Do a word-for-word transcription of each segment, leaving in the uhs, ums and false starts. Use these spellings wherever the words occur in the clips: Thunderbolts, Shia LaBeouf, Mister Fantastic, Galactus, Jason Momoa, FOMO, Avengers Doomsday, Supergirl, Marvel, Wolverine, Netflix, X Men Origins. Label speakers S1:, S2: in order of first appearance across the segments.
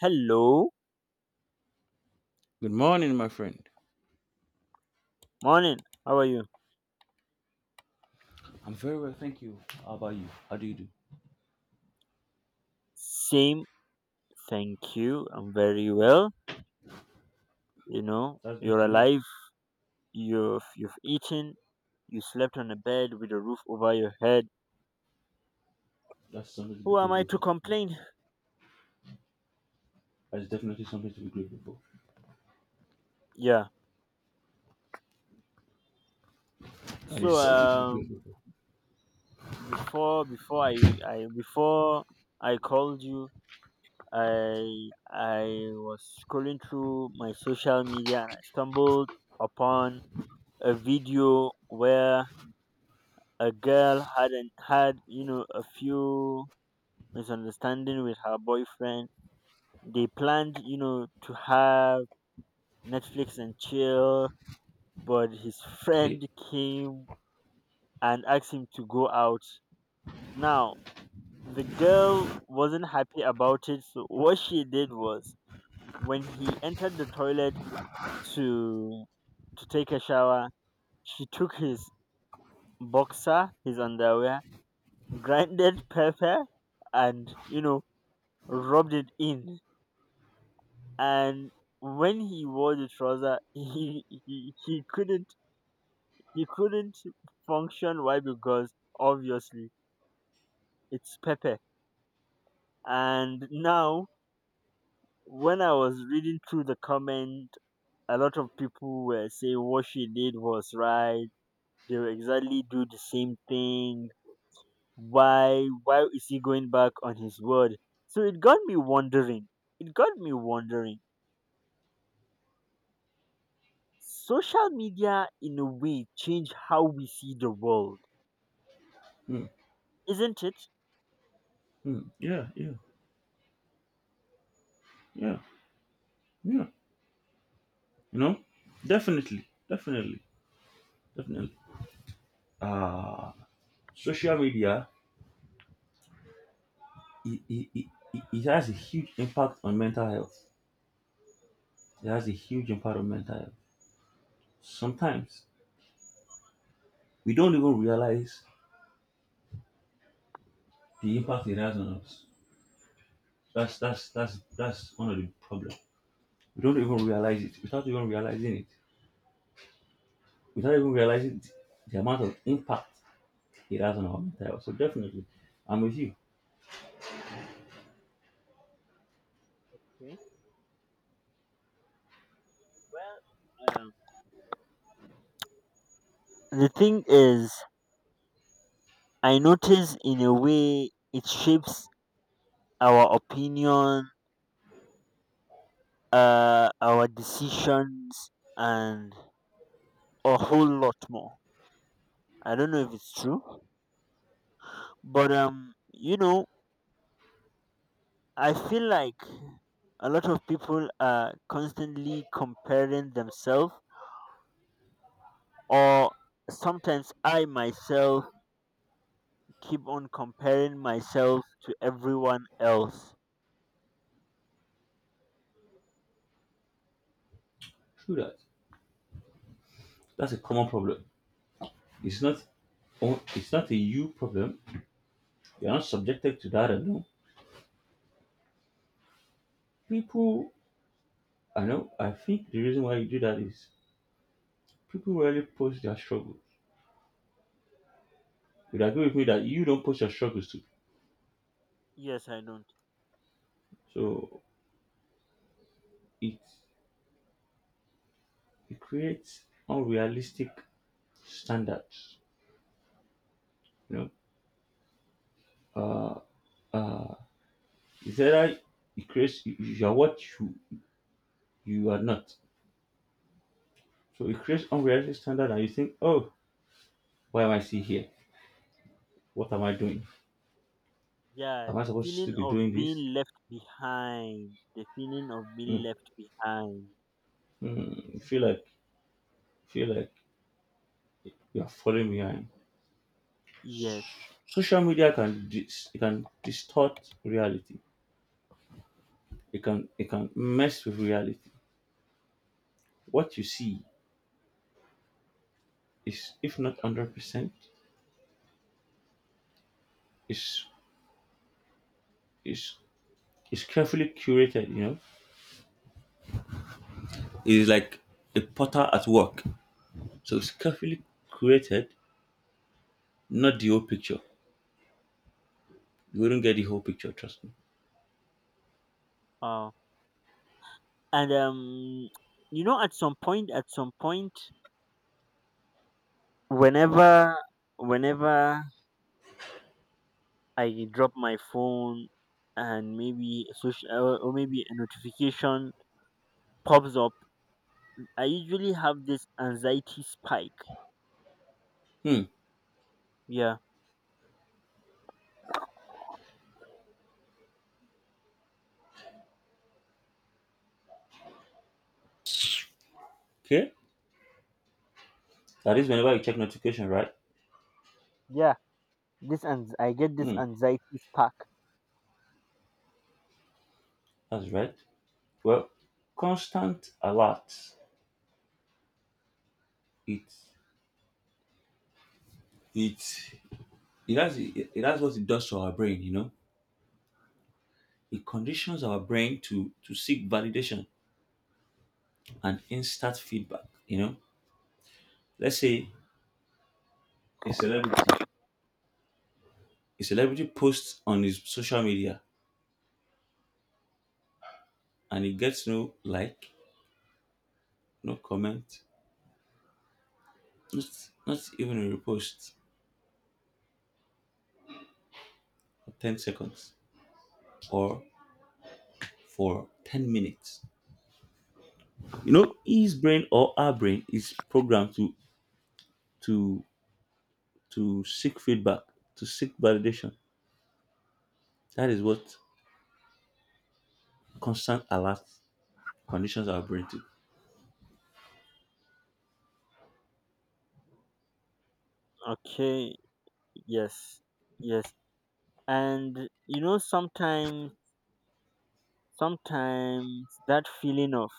S1: Hello,
S2: Good morning, my friend.
S1: morning. How are you?
S2: I'm very well, thank you. How about you? How do you do?
S1: Same, thank you. I'm very well. You know,
S2: That's good
S1: you're
S2: to know.
S1: alive. You've you've eaten. You slept on a bed with a roof over your head.
S2: That's something to be
S1: Who am I
S2: grateful
S1: to
S2: for. Yeah.
S1: complain?
S2: That's definitely something to be grateful for.
S1: Yeah.
S2: That is
S1: So
S2: something to be grateful
S1: um,
S2: for.
S1: before before I I before I called you, I I was scrolling through my social media, and I stumbled upon a video where a girl had an, had, you know a few misunderstanding with her boyfriend. They planned, you know, to have Netflix and chill, but his
S2: Okay.
S1: friend came and asked him to go out. Now the girl wasn't happy about it, so what she did was, when he entered the toilet to to take a shower, she took his boxer, his underwear, grinded pepper, and, you know, rubbed it in. And when he wore the trouser, he, he he couldn't, he couldn't function. Why? Because obviously it's pepper. And now, when I was reading through the comment, a lot of people were saying what she did was right. They will exactly do the same thing. Why? Why is he going back on his word? So it got me wondering. It got me wondering. Social media, in a way, changed how we see the world,
S2: Hmm.
S1: isn't it?
S2: Hmm. Yeah, yeah, yeah, yeah. You know, definitely, definitely, definitely. Uh, social media, it, it, it, it it has a huge impact on mental health. It has a huge impact on mental health. Sometimes we don't even realize the impact it has on us. That's that's that's that's one of the problem. We don't even realize it. Without even realizing it, without even realizing th- the amount of impact it has on our mental health. So definitely, I'm with you.
S1: Okay. Well, um, the thing is, I notice in a way it shapes our opinion, uh, our decisions, and a whole lot more. I don't know if it's true, but um, you know, I feel like a lot of people are constantly comparing themselves, or sometimes I myself keep on comparing myself to everyone else.
S2: True that. That's a common problem. It's not on- it's not a you problem. You're not subjected to that alone. People, I know. I think the reason why you do that is people rarely post their struggles. You'd agree with me that you don't post your struggles too.
S1: Yes, I don't.
S2: So it it creates unrealistic standards. You know, uh, uh, it's either it creates you you are what you you are not. So it creates unrealistic standard, and you think, oh, why am I still here? What am I doing?
S1: Yeah,
S2: Am I
S1: the
S2: supposed to
S1: feeling
S2: be
S1: of
S2: doing this?
S1: being left behind. The feeling of being
S2: Mm,
S1: left behind.
S2: mm, you feel like feel like you are falling behind.
S1: Yes.
S2: Social media can dis- it can distort reality. It can it can mess with reality. What you see is, if not hundred percent, is is is carefully curated. You know, it's like a potter at work. So it's carefully created, not the whole picture. You wouldn't get the whole picture, trust me.
S1: Uh, and um, you know, at some point, at some point, whenever, whenever I drop my phone and maybe a social or or maybe a notification pops up, I usually have this anxiety spike.
S2: Hmm.
S1: Yeah.
S2: Okay. That is whenever you check notification, right?
S1: Yeah. This, and I get this
S2: Hmm.
S1: anxiety stuck.
S2: That's right. Well, constant alert. It it it has it, it has what it does to our brain. You know, it conditions our brain to to seek validation and instant feedback. You know, let's say a celebrity a celebrity posts on his social media and he gets no like, no comment, Not, not even a repost for ten seconds or for ten minutes. You know, his brain or our brain is programmed to to to seek feedback, to seek validation. That is what constant alert conditions our brain to.
S1: Okay, yes, yes. And you know, sometimes, sometimes that feeling of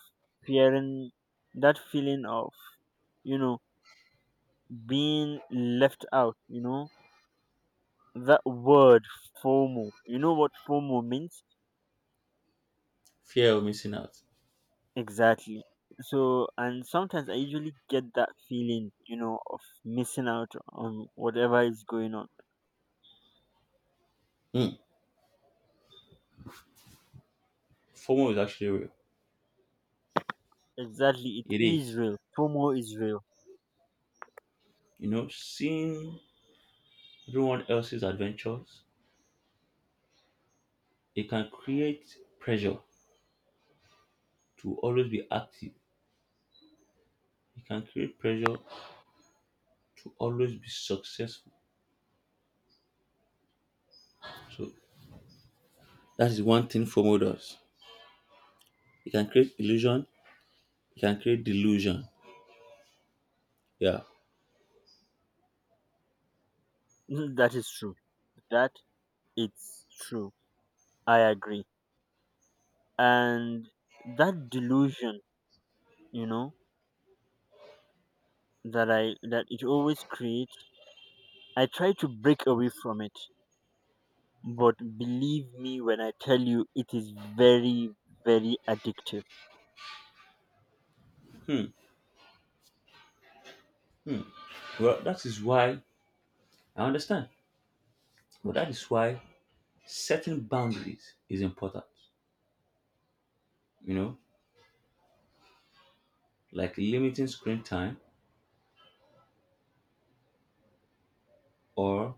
S1: fearing, that feeling of, you know, being left out, you know, that word FOMO, you know what FOMO means?
S2: Fear of missing out.
S1: Exactly. So, and sometimes I usually get that feeling, you know, of missing out on whatever is going on.
S2: Hmm. FOMO is actually real.
S1: Exactly, it
S2: It
S1: is
S2: is.
S1: real. FOMO is real.
S2: You know, seeing everyone else's adventures, it can create pressure to always be active. It can create pressure to always be successful. So that is one thing FOMO does. It can create illusion, it can create delusion. Yeah.
S1: Mhm. That is true. That, it's true. I agree. And that delusion, you know, that I that it always creates, I try to break away from it. But believe me when I tell you it is very, very addictive.
S2: Hmm. Well, that is why I understand. But that is why setting boundaries is important. You know, like limiting screen time or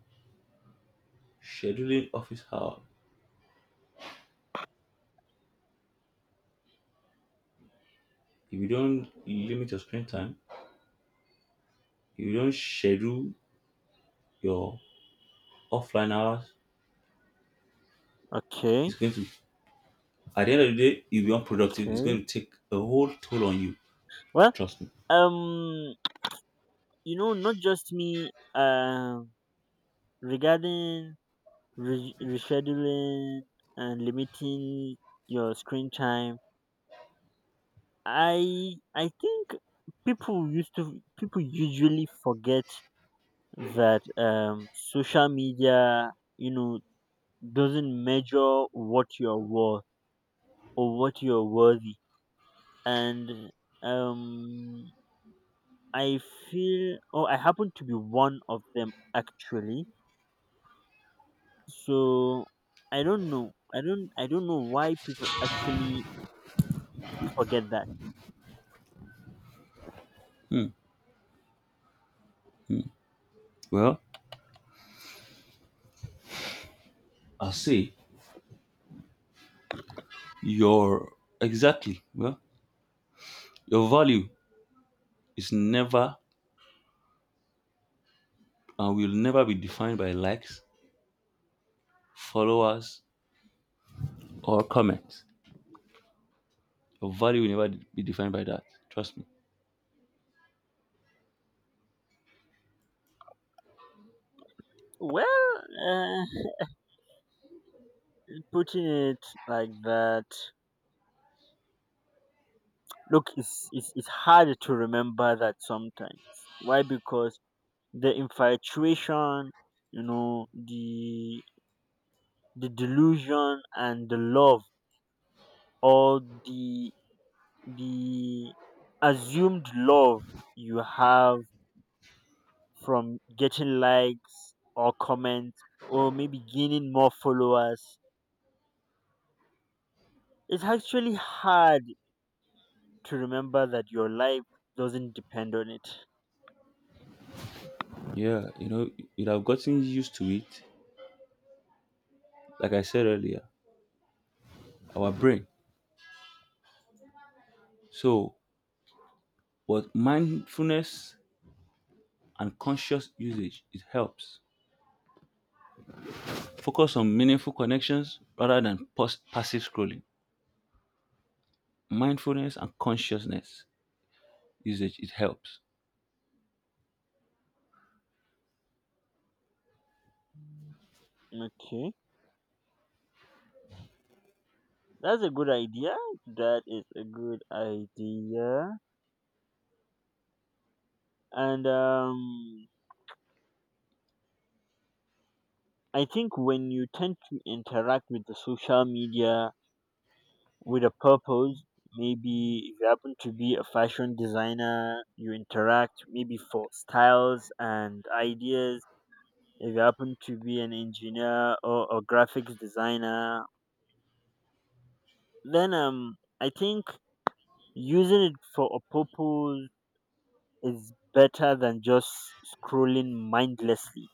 S2: scheduling office hours. If you don't limit your screen time, if you don't schedule your offline hours,
S1: Okay,
S2: it's going to at the end of the day, you'll be unproductive. It's
S1: okay.
S2: going to take a whole toll on you.
S1: Well,
S2: Trust me.
S1: um you know, not just me, uh regarding re- rescheduling and limiting your screen time, I I think people used to people usually forget that um social media, you know, doesn't measure what you're worth or what you're worthy. And um I feel, or I happen to be one of them actually, so I don't know, I don't I don't know why people actually forget that.
S2: Well, I'll say Your exactly. Well, your value is never and will never be defined by likes, followers, or comments. Your value will never be defined by that. Trust me.
S1: well uh, putting it like that. Look, it's, it's, it's hard to remember that sometimes. Why? Because the infatuation, you know, the the delusion and the love, or the the assumed love you have from getting likes or comments, or maybe gaining more followers. It's actually hard to remember that your life doesn't depend on it.
S2: Yeah, you know, you'd have gotten used to it. Like I said earlier, our brain. So, what mindfulness and conscious usage it helps. Focus on meaningful connections rather than pos- passive scrolling. Mindfulness and consciousness usage it helps.
S1: Okay. That's a good idea. That is a good idea. And um, I think when you tend to interact with the social media with a purpose, maybe if you happen to be a fashion designer, you interact maybe for styles and ideas. If you happen to be an engineer or a graphics designer, then um, I think using it for a purpose is better than just scrolling mindlessly.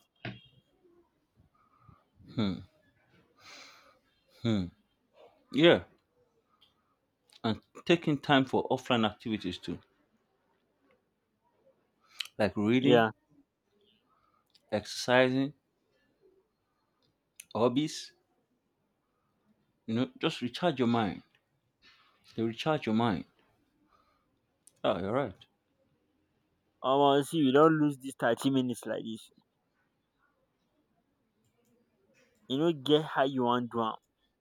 S2: Yeah, and taking time for offline activities too, like reading,
S1: Yeah.
S2: exercising, hobbies, you know, just recharge your mind. They recharge your mind. Oh, you're right.
S1: Omo see we don't lose dis thirty minutes like this. You know, get how you want do.